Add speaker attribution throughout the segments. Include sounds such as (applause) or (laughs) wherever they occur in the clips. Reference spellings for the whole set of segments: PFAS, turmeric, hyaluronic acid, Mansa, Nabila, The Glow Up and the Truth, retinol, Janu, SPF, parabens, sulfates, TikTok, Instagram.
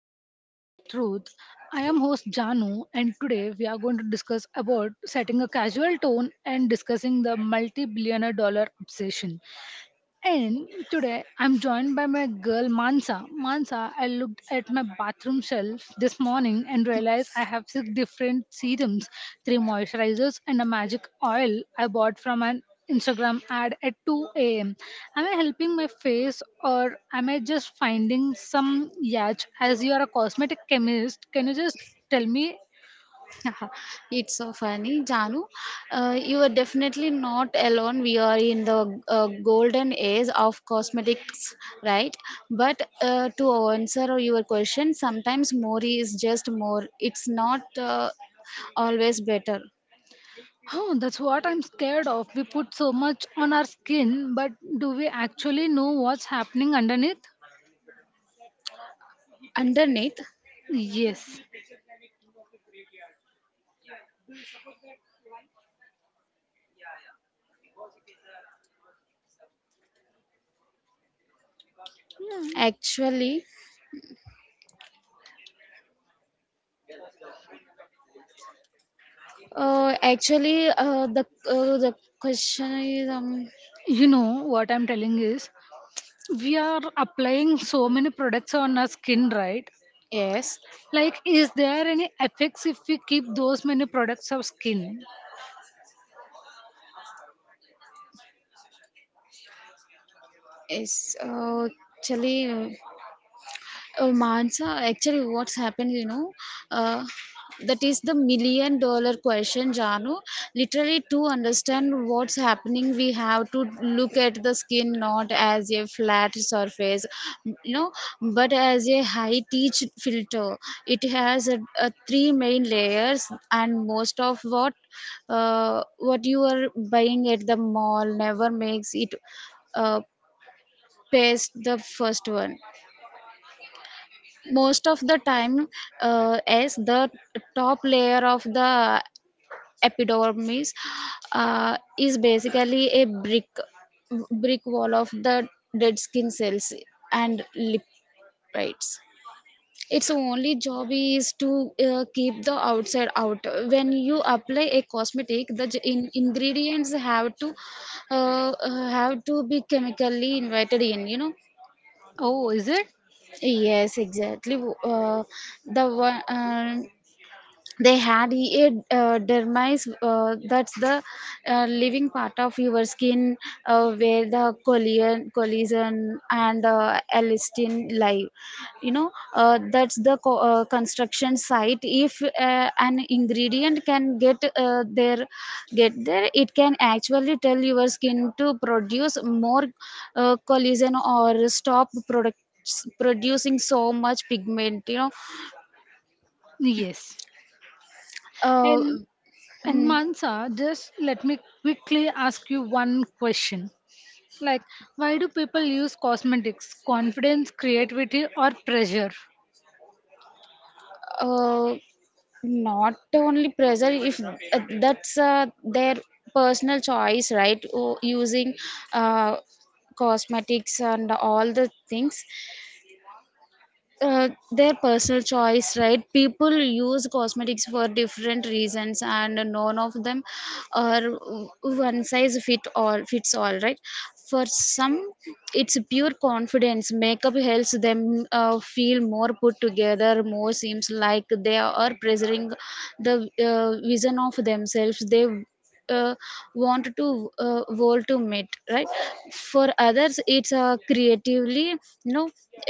Speaker 1: Glow Up and the Truth. I am host Janu and today we are going to discuss about setting a casual tone and discussing the multi-billionaire dollar obsession. And today I'm joined by my girl Mansa. Mansa, I looked at my bathroom shelf this morning and realized I have six different serums, three moisturizers, and a magic oil I bought from an Instagram ad at 2 a.m. Am I helping my face or am I just finding some yacht? As you are a cosmetic chemist, can you just tell me?
Speaker 2: It's so funny, Janu. You are definitely not alone. We are in the golden age of cosmetics, right? But to answer your question, sometimes more is just more. It's not always better.
Speaker 1: Oh, that's what I'm scared of. We put so much on our skin, but do we actually know what's happening underneath?
Speaker 2: Underneath,
Speaker 1: Yes. Hmm.
Speaker 2: actually, actually, the question is
Speaker 1: You know what I'm telling is, we are applying so many products on our skin, right?
Speaker 2: yes,
Speaker 1: Like, is there any effects if we keep those many products of skin?
Speaker 2: is actually. Oh, Mansa, actually, what's happened, uh, that is the million-dollar question, Janu. Literally, to understand what's happening, we have to look at the skin not as a flat surface, you know, but as a high teach filter. It has a three main layers, and most of what you are buying at the mall never makes it uh, past the first one most of the time, as the top layer of the epidermis is basically a brick wall of the dead skin cells and lipids. Its only job is to keep the outside out. When you apply a cosmetic, the ingredients have to be chemically invited in.
Speaker 1: Oh, is it?
Speaker 2: Yes, exactly. The one, they had a dermis, that's the living part of your skin, where the collision and elastin lie. That's the construction site. If an ingredient can get there, it can actually tell your skin to produce more collision or stop product producing so much pigment.
Speaker 1: Yes.
Speaker 2: uh,
Speaker 1: And and
Speaker 2: mm.
Speaker 1: Mansa, just let me quickly ask you one question. Like, why do people use cosmetics? Confidence, creativity, or pressure?
Speaker 2: uh, Not only pressure. If that's their personal choice, right? Using uh, cosmetics and all the things, their personal choice, right? People use cosmetics for different reasons, and none of them are one size fits all, right? For some, it's pure confidence. Makeup helps them feel more put together, more seems like they are preserving the vision of themselves they uh, want to, world to meet, right? For others, it's a creatively.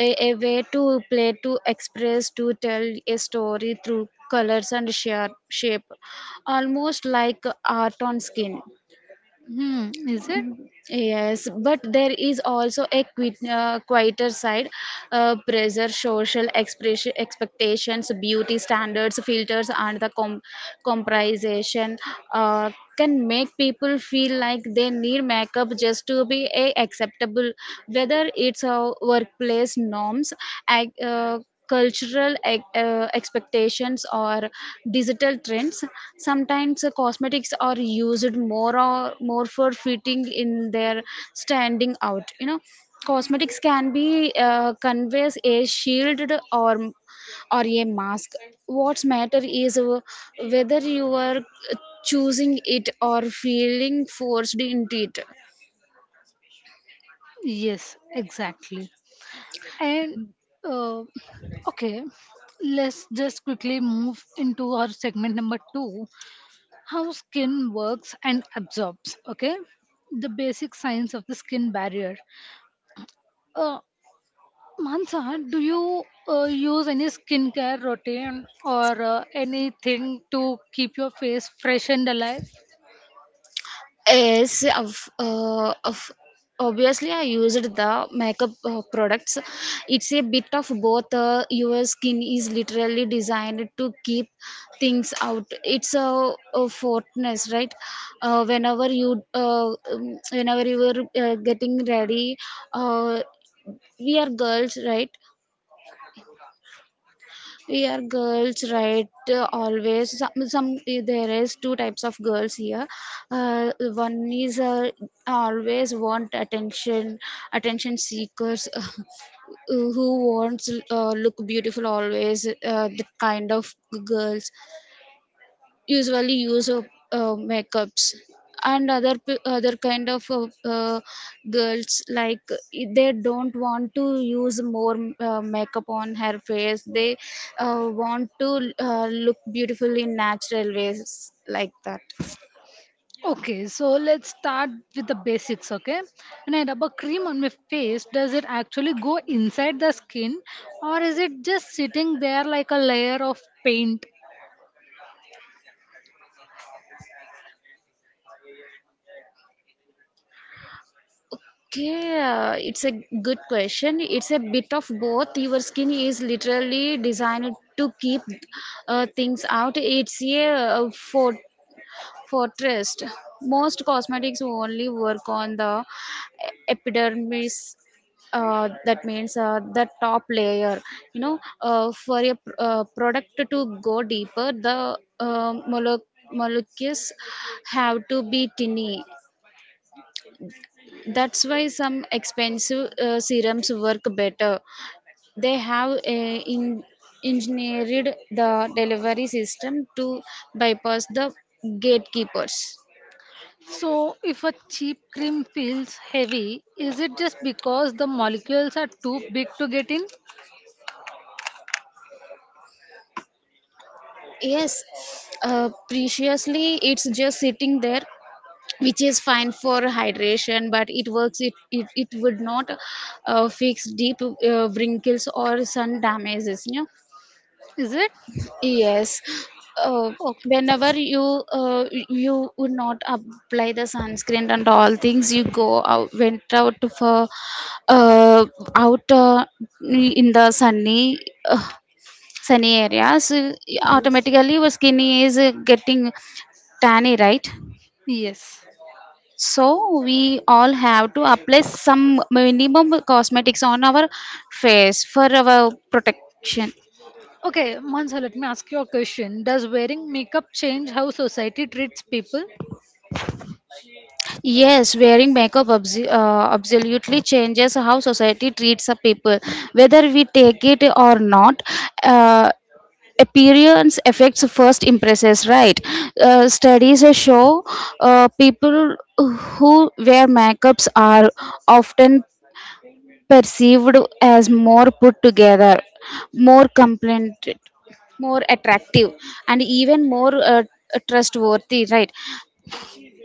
Speaker 2: a, way to play, to express, to tell a story through colors and shape, almost like art on skin.
Speaker 1: Hmm, is it?
Speaker 2: Yes, but there is also a quieter side. Pressure, social expression, expectations, beauty standards, filters, and the comparison uh, can make people feel like they need makeup just to be a acceptable. Whether it's workplace norms, ag- uh, cultural expectations, or digital trends, sometimes cosmetics are used more or more for fitting in their standing out. Cosmetics can be, conveys a shield, or or a mask. What's matter is whether you are choosing it or feeling forced into it.
Speaker 1: Yes, exactly. And uh, okay, let's just quickly move into our segment number two, how skin works and absorbs. Okay, the basic science of the skin barrier. uh, Mansa, do you use any skincare routine or anything to keep your face fresh and alive?
Speaker 2: Yes, of obviously I used the makeup products. It's a bit of both. Your skin is literally designed to keep things out. It's a fortness, right? Whenever you were getting ready, uh, we are girls, right? Here, girls, right? Always some, there is two types of girls here. One is, always want attention, attention seekers (laughs) who wants look beautiful always. The kind of girls usually use of makeups, and other other kind of girls like they don't want to use more makeup on her face. They want to look beautiful in natural ways, like that.
Speaker 1: Okay, so let's start with the basics. Okay, when I rub a cream on my face, does it actually go inside the skin, or is it just sitting there like a layer of paint?
Speaker 2: Okay, it's a good question. It's a bit of both. Your skin is literally designed to keep things out. It's a For trust, most cosmetics only work on the epidermis. That means the top layer. For a product to go deeper, the molecules have to be tiny. That's why some expensive serums work better. They have, engineered the delivery system to bypass the gatekeepers.
Speaker 1: So, if a cheap cream feels heavy, is it just because the molecules are too big to get in?
Speaker 2: Yes, preciously it's just sitting there, which is fine for hydration, but it works. It would not fix deep wrinkles or sun damages. Yeah?
Speaker 1: Is it?
Speaker 2: Yes. Uh,
Speaker 1: Oh,
Speaker 2: Whenever you would not apply the sunscreen and all things, you go out went out for uh, out in the uh, sunny areas,
Speaker 1: yes.
Speaker 2: automatically your skin is getting tanny, right?
Speaker 1: Yes.
Speaker 2: So we all have to apply some minimum cosmetics on our face for our protection.
Speaker 1: Okay, Mansa, let me ask you a question. Does wearing makeup change how society treats people?
Speaker 2: Yes, wearing makeup absolutely changes how society treats a people, whether we take it or not. Uh, Appearance affects first impressions, right? Studies show people who wear makeups are often perceived as more put together, more compliant, more attractive, and even more trustworthy, right?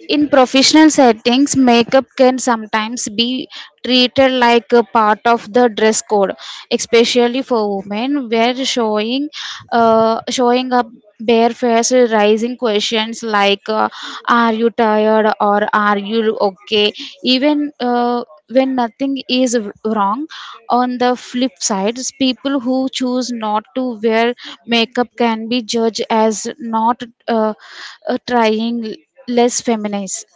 Speaker 2: In professional settings, makeup can sometimes be treated like a part of the dress code, especially for women, where showing up bare face, raising questions like "Are you tired?" or "Are you okay?" Even when nothing is wrong. On the flip side, people who choose not to wear makeup can be judged as not uh, trying, less feminist,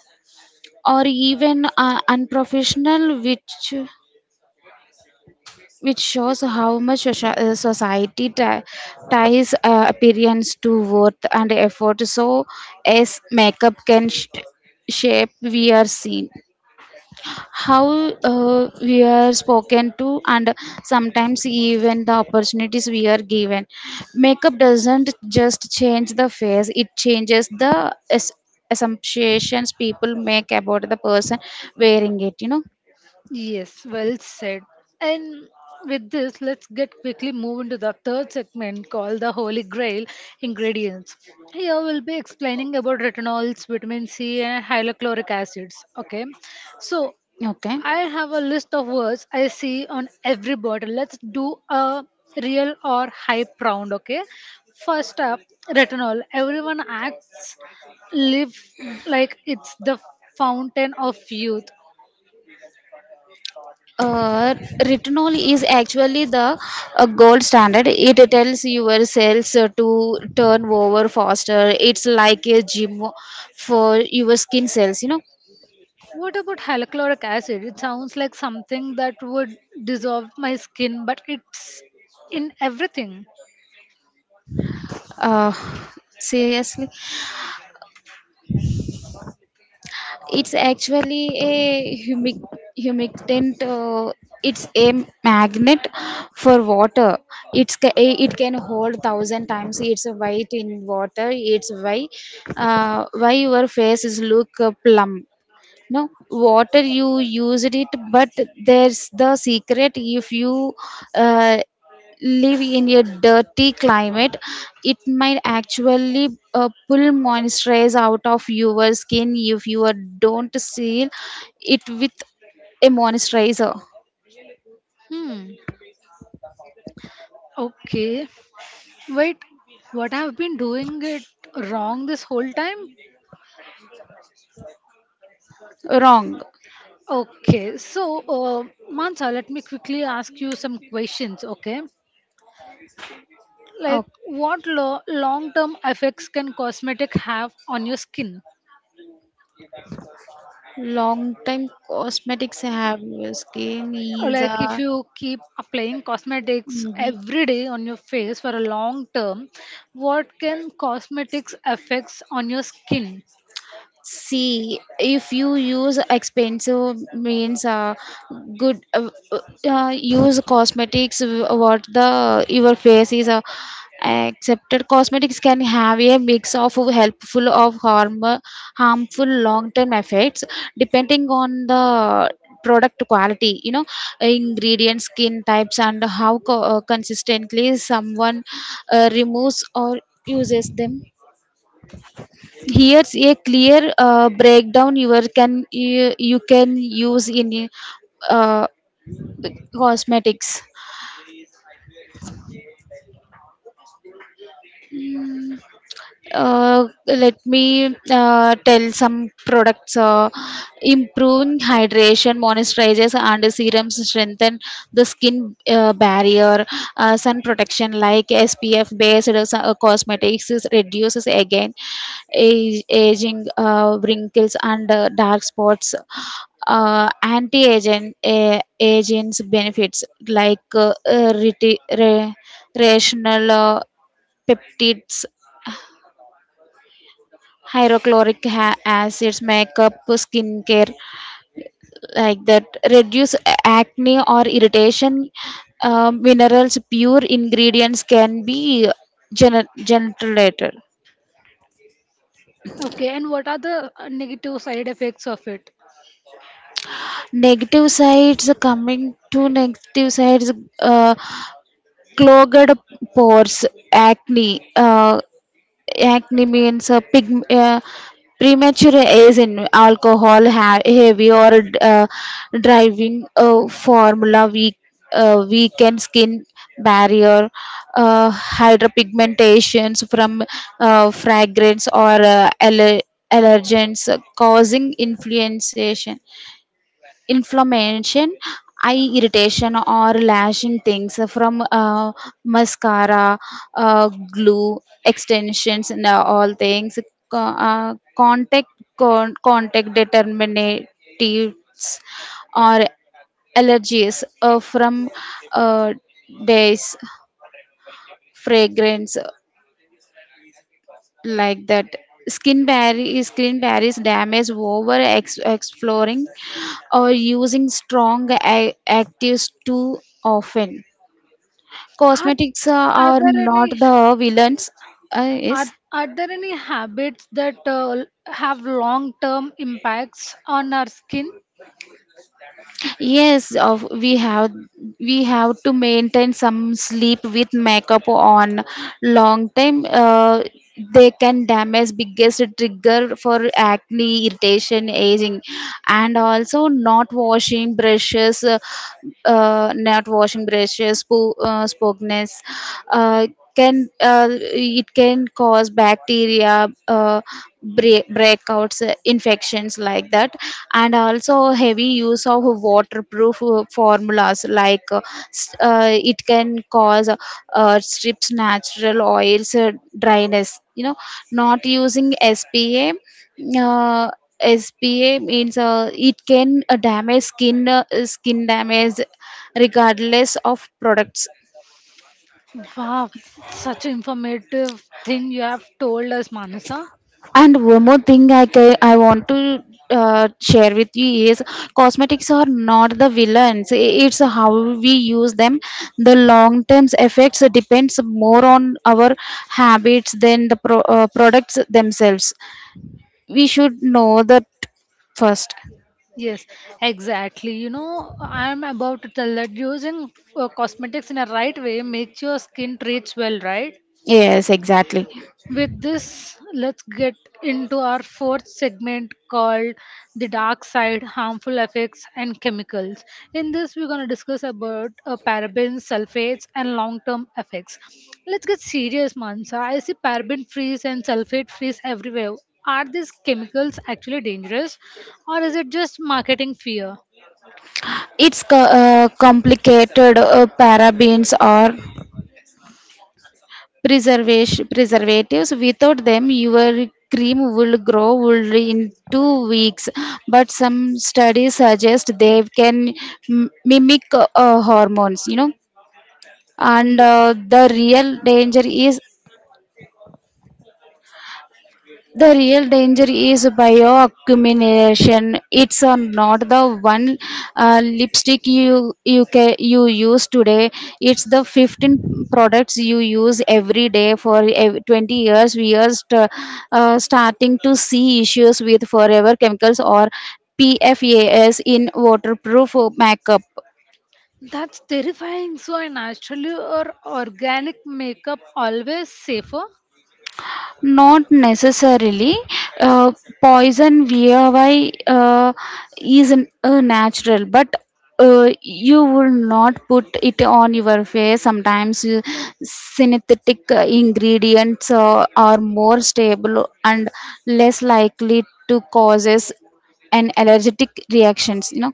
Speaker 2: or even unprofessional, which shows how much society ties appearance to worth and effort. So, as makeup can shape we are seen, how we are spoken to, and sometimes even the opportunities we are given. Makeup doesn't just change the face, it changes the assumptions people make about the person wearing it.
Speaker 1: Yes, well said. And with this, let's get quickly move into the third segment called the Holy Grail ingredients. Here we'll be explaining about retinols, vitamin C, and hyaluronic acids. Okay, so
Speaker 2: Okay.
Speaker 1: I have a list of words I see on every bottle. Let's do a real or hype round, okay? First up, retinol. Everyone acts live like it's the fountain of youth.
Speaker 2: uh, Retinol is actually the gold standard. It tells your cells to turn over faster. It's like a gym for your skin cells,
Speaker 1: What about hyaluronic acid? It sounds like something that would dissolve my skin, but it's in everything.
Speaker 2: uh, Seriously, it's actually a humic humectant. It's a magnet for water. It can hold thousand times its weight in water. It's why your face is look plump. No water you used it. But there's the secret: if you uh, live in a dirty climate, it might actually pull moisture out of your skin if you don't seal it with a moisturizer.
Speaker 1: Hmm. Okay. Wait, what I've been doing it wrong this whole time?
Speaker 2: Wrong.
Speaker 1: Okay. So, Mansa, let me quickly ask you some questions, okay? Like,
Speaker 2: Oh,
Speaker 1: what long term effects can cosmetic have on your skin?
Speaker 2: long time cosmetics have your skin
Speaker 1: Or
Speaker 2: is
Speaker 1: like if
Speaker 2: a.
Speaker 1: you keep applying cosmetics
Speaker 2: Mhm.
Speaker 1: every day on your face for a long term, what can cosmetics effects on your skin?
Speaker 2: See, if you use expensive means, good use cosmetics. What the your face is accepted. Cosmetics can have a mix of helpful of harmful long-term effects depending on the product quality. You know, ingredients, skin types, and how consistently someone removes or uses them. Here's a clear breakdown. You can use in uh, cosmetics. Let me tell some products: improving hydration, moisturizers, and serums strengthen the skin barrier; sun protection like SPF based cosmetics reduces again aging wrinkles and dark spots; anti-aging agents benefits like rational peptides, hydrochloric acids, makeup, skincare, like that, reduce acne or irritation. Minerals, pure ingredients can be generated.
Speaker 1: Okay, and what are the negative side effects of it?
Speaker 2: Negative sides, coming to negative sides: uh, clogged pores, acne; uh, acne means premature age in alcohol; heavy or driving formula; weakened skin barrier; hydropigmentations from fragrance or allergens causing influenza inflammation; eye irritation or lashing things from mascara, glue, extensions, and all things; contact contact determinatives or allergies from uh, days fragrance, like that; skin barriers damage over exploring or using strong actives too often.
Speaker 1: are,
Speaker 2: Cosmetics
Speaker 1: are
Speaker 2: are
Speaker 1: there
Speaker 2: not
Speaker 1: any,
Speaker 2: the villains.
Speaker 1: are,
Speaker 2: Yes.
Speaker 1: are there any habits that have long term impacts on our skin?
Speaker 2: Yes, of we have to maintain. Some sleep with makeup on long time, they can damage, biggest trigger for acne, irritation, aging. And also not washing brushes, spokeness, uh, can it can cause bacteria, breakouts, infections, like that. And also heavy use of waterproof formulas like, it can cause strips natural oils, dryness, not using spa, uh, means it can damage skin skin damage regardless of products.
Speaker 1: Wow, such informative thing you have told us, Manasa.
Speaker 2: And one more thing I want to share with you is, cosmetics are not the villains. It's how we use them. The long term effects depends more on our habits than the products themselves. We should know that first.
Speaker 1: Yes, exactly. You know, I'm about to tell that using cosmetics in a right way makes your skin treats well, right?
Speaker 2: Yes, exactly.
Speaker 1: With this, let's get into our fourth segment called the dark side, harmful effects, and chemicals. In this, we're going to discuss about parabens, sulfates, and long-term effects. Let's get serious, Mansa. I see paraben freeze and sulfate freeze everywhere. Are these chemicals actually dangerous, or is it just marketing fear?
Speaker 2: It's complicated. Parabens are preservation preservatives. Without them your cream will grow would in 2 weeks. But some studies suggest they
Speaker 1: Right.
Speaker 2: can mimic hormones, and
Speaker 1: Yes.
Speaker 2: the real danger is bioaccumulation. It's not the one lipstick you use today. It's the 15 products you use every day for 20 years. We are starting to see issues with forever chemicals or PFAS in waterproof makeup.
Speaker 1: That's terrifying. So, a natural or organic makeup always safer?
Speaker 2: Not necessarily. uh, Poison VOY is natural, but you will not put it on your face sometimes. You, synthetic ingredients are more stable and less likely to causes an allergic reactions,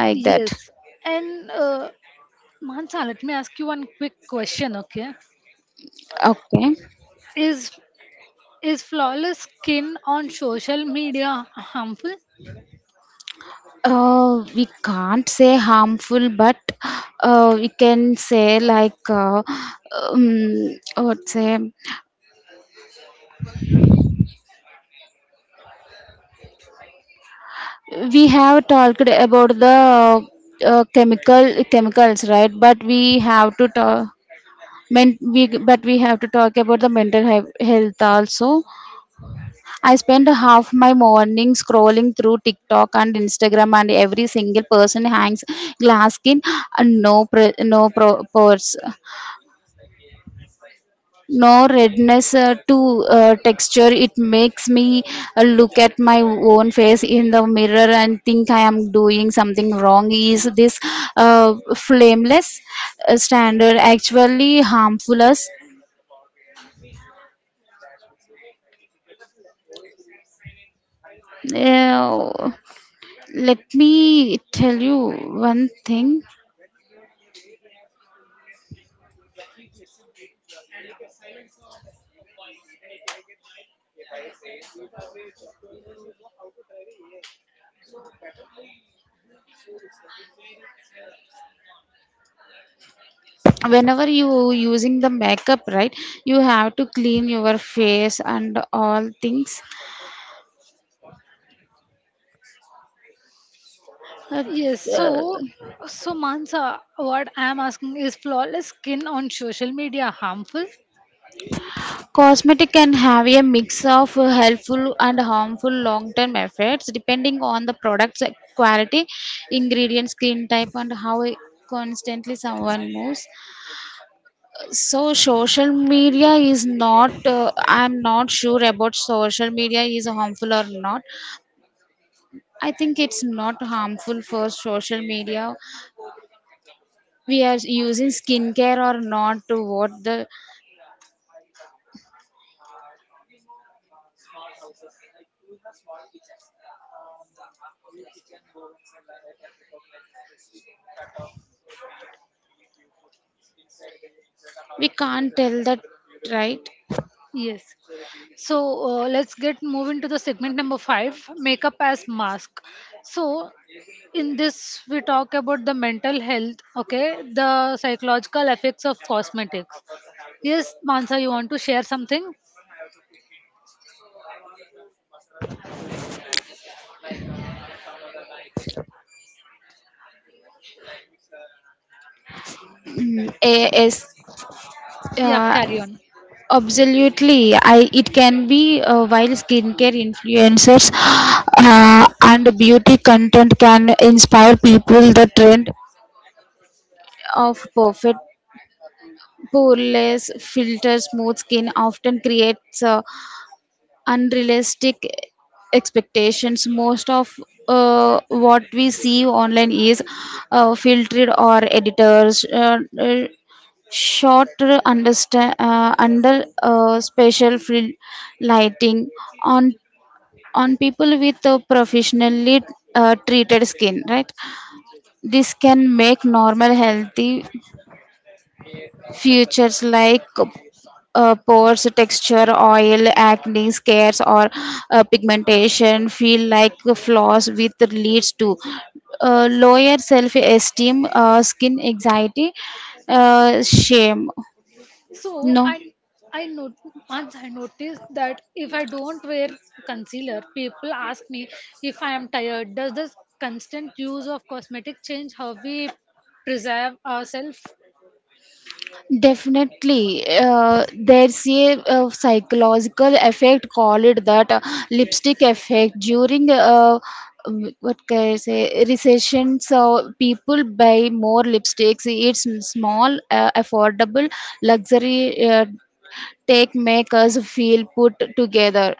Speaker 2: like that.
Speaker 1: Yes. And Mansa, let me ask you one quick question. Okay.
Speaker 2: Okay,
Speaker 1: Is is flawless skin on social media harmful?
Speaker 2: we can't say harmful, but we can say like what say, we have talked about the chemicals, right? But we have to talk. Men, we, but we have to talk about the mental health also. I spend half my morning scrolling through TikTok and Instagram, and every single person hangs glass skin and no pores. No redness, to texture, it makes me look at my own face in the mirror and think I am doing something wrong. Is this flameless standard actually harmful us? Uh, Let me tell you one thing, whenever you using the makeup, right, you have to clean your face and all things. uh,
Speaker 1: Yes.
Speaker 2: uh,
Speaker 1: So, so Mansa, what I am asking is flawless skin on social media harmful?
Speaker 2: Cosmetic can have a mix of helpful and harmful long-term effects depending on the product's quality, ingredient, skin type, and how constantly someone moves. So social media is not. I'm not sure about social media is harmful or not. I think it's not harmful for social media. We are using skincare or not to what the, we can't tell that, right.
Speaker 1: Yes. So let's get move into the segment number five, makeup as mask. So in this we talk about the mental health. Okay, the psychological effects of cosmetics. Yes, Mansa, you want to share something?
Speaker 2: Yes,
Speaker 1: Yeah,
Speaker 2: uh,
Speaker 1: carry on.
Speaker 2: absolutely. I it can be, while skincare influencers and beauty content can inspire people. The trend of perfect, poreless, filter, smooth skin often creates unrealistic expectations. Most of what we see online is filtered or editors, short understand under special lighting on on people with professionally treated skin, right? This can make normal, healthy features like pores, texture, oil, acne, scars, or pigmentation feel like flaws, which leads to lower self-esteem, skin anxiety, shame.
Speaker 1: So
Speaker 2: No.
Speaker 1: I I not, once I noticed that if I don't wear concealer, people ask me if I am tired. Does this constant use of cosmetic change how we preserve ourselves?
Speaker 2: Definitely, there's a, psychological effect. Call it that lipstick effect during what can I say, recession. So people buy more lipsticks. It's small, affordable, luxury, take make us feel put together.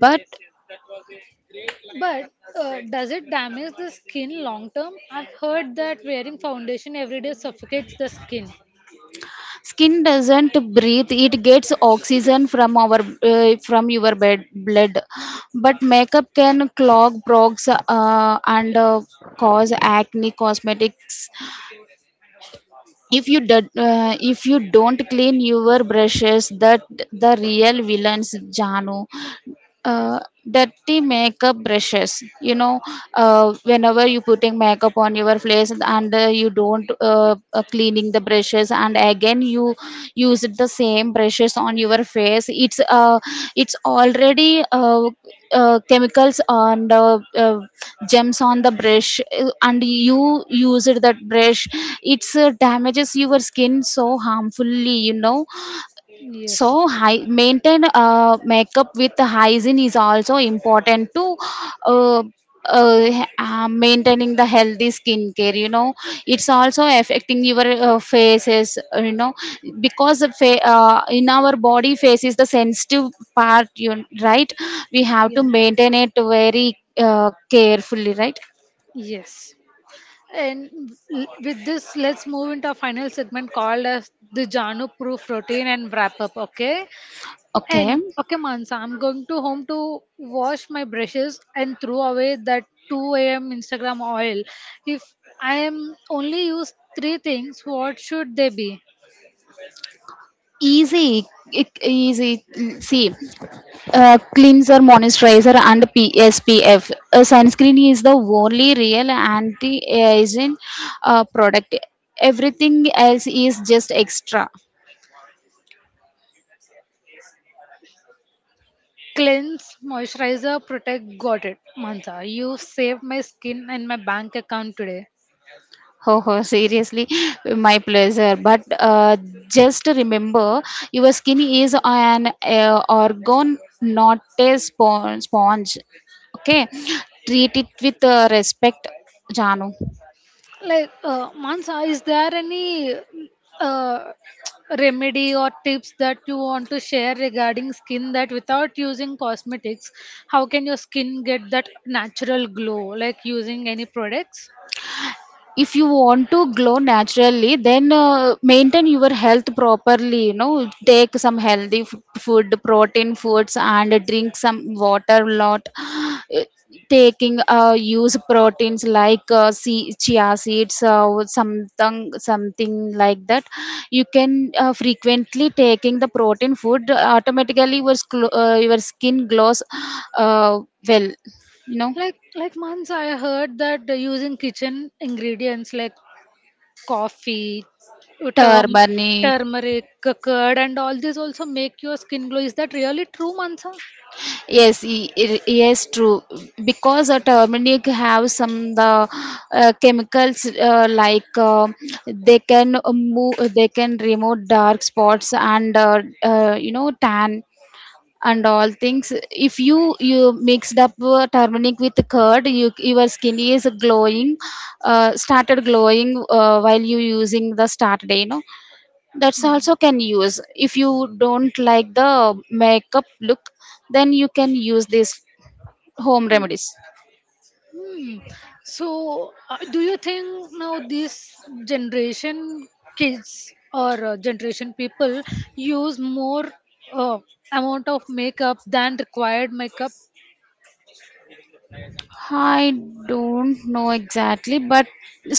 Speaker 2: But
Speaker 1: But does it damage the skin long term? I've heard that wearing foundation every day suffocates the skin.
Speaker 2: skin doesn't breathe; it gets oxygen from our, from your bed, blood. But makeup can clog pores, and cause acne, cosmetics. If you do, if you don't clean your brushes, that the real villains, janu. uh, Dirty makeup brushes, whenever you putting makeup on your face and you don't, cleaning the brushes, and again you use the same brushes on your face. It's it's already, chemicals on the, gems on the brush, and you used that brush. It's damages your skin so harmfully, you know.
Speaker 1: Yes.
Speaker 2: So high maintain makeup with hygiene is also important to uh, maintaining the healthy skincare, you know. It's also affecting your faces, you know, because the in our body face is the sensitive part, you, right? We have to maintain it very carefully, right?
Speaker 1: Yes. And with this, let's move into our final segment called as the Janu proof routine and wrap up. Okay.
Speaker 2: Okay.
Speaker 1: And okay, Mansa, I'm going to home to wash my brushes and throw away that 2 a.m. Instagram oil. If I am only use three things, what should they be?
Speaker 2: Easy. Easy. See, cleanser, moisturizer, and SPF. Sunscreen is the only real anti-aging product. Everything else is just extra. (laughs)
Speaker 1: Cleanse, moisturizer, protect, got it. Mansa, you saved my skin and my bank account today.
Speaker 2: Oh, oh, seriously, my pleasure. But just remember, your skin is an organ, not a sponge. Okay, treat it with respect, Janu.
Speaker 1: Like Mansa, is there any uh, remedy or tips that you want to share regarding skin, that without using cosmetics, how can your skin get that natural glow, like using any products?
Speaker 2: If you want to glow naturally, then maintain your health properly, you know. Take some healthy food, protein foods, and drink some water, lot. Uh, Taking, use proteins like, sea, chia seeds or something, something like that. You can frequently taking the protein food, automatically your, your skin glows, uh, well, you know.
Speaker 1: Like Mansa, I heard that using kitchen ingredients like coffee, term,
Speaker 2: Turmeric.
Speaker 1: turmeric, curd, and all these also make your skin glow. Is that really true, Mansa?
Speaker 2: Yes, yes, true. Because a turmeric have some the chemicals like, they can move, they can remove dark spots and, you know, tan and all things. If you you mixed up turmeric with curd, you, your skin is glowing, started glowing while you using the start day. You know that's
Speaker 1: Mm.
Speaker 2: also can use if you don't like the makeup look, then you can use these home
Speaker 1: Yeah.
Speaker 2: remedies.
Speaker 1: Hmm. So, do you think now this generation kids or generation people use more uh, amount of makeup than required makeup?
Speaker 2: I don't know exactly, but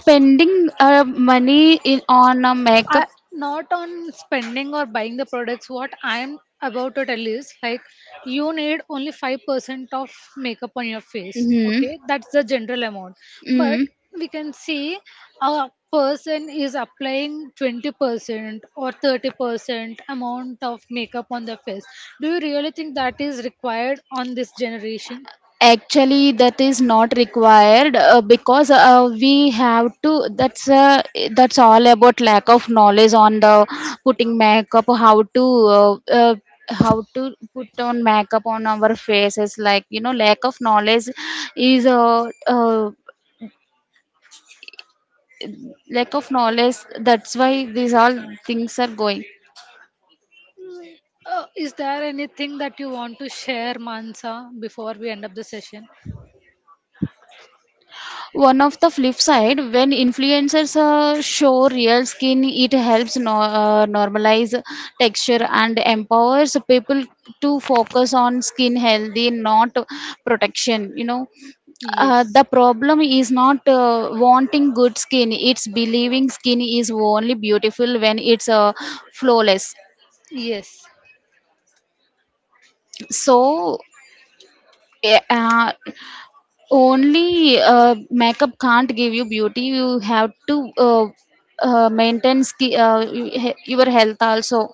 Speaker 2: spending money in on a makeup.
Speaker 1: I, not on spending or buying the products. What I'm about to tell is like you need only 5% of makeup on your face.
Speaker 2: Mm-hmm.
Speaker 1: Okay, that's the general amount. But
Speaker 2: Mm-hmm.
Speaker 1: we can see a person is applying 20% or 30% amount of makeup on their face. Do you really think that is required on this generation?
Speaker 2: Actually, that is not required, because we have to. That's all about lack of knowledge on the putting makeup, how to, uh, uh, how to put on makeup on our faces. Like you know, lack of knowledge is, lack of knowledge. That's why these all things are going.
Speaker 1: Mm. Is there anything that you want to share, Mansa, before we end up the session?
Speaker 2: One of the flip side, when influencers show real skin, it helps no, normalize texture and empowers people to focus on skin healthy, not protection, you know.
Speaker 1: Yes,
Speaker 2: The problem is not wanting good skin, it's believing skin is only beautiful when it's flawless.
Speaker 1: yes.
Speaker 2: So, eh, uh, only makeup can't give you beauty. You have to maintain your health also.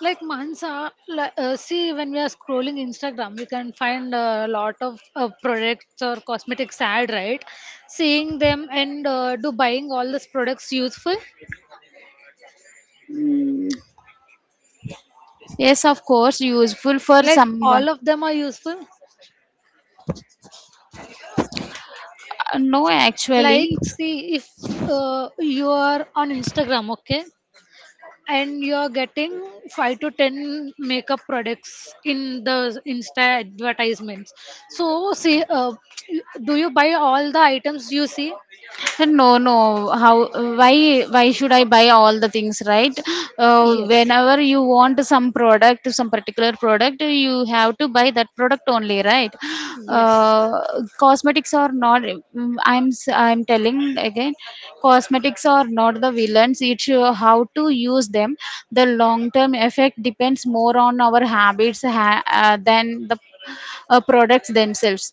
Speaker 1: Like Mansa, like, see when we are scrolling Instagram, we can find a lot of products or cosmetics ad, right? Seeing them and do buying all these products useful?
Speaker 2: Mm, yes, of course, useful for
Speaker 1: Like
Speaker 2: someone.
Speaker 1: all of them are useful.
Speaker 2: No,
Speaker 1: Like
Speaker 2: actually.
Speaker 1: see if you are on Instagram, okay, and you are getting five to ten makeup products in the Insta advertisements. So see, (tsk) do you buy all the items you see?
Speaker 2: (laughs) No, no. How, why why should I buy all the things, right? uh,
Speaker 1: Yes,
Speaker 2: Whenever you want some product, some particular product, you have to buy that product only, right?
Speaker 1: yes,
Speaker 2: uh, Cosmetics are not, mm, I'm telling again, cosmetics are not the villains. It's how to use them. The long term effect depends more on our habits, than the products themselves.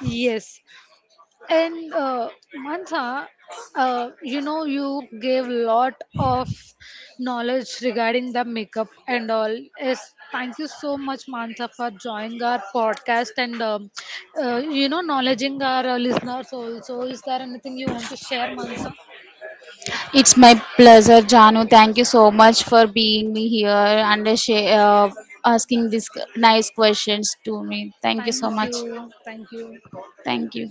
Speaker 1: yes. And Mantha, you know, you gave lot of knowledge regarding the makeup and all. Yes, thank you so much, Mantha, for joining our podcast and you know, knowledging our listeners also. Is there anything you want to share, Mantha?
Speaker 2: It's my pleasure, Janu. Thank you so much for being me here and, asking these nice questions to me. Thank you so
Speaker 1: Thank
Speaker 2: much.
Speaker 1: you, thank you.
Speaker 2: Thank you.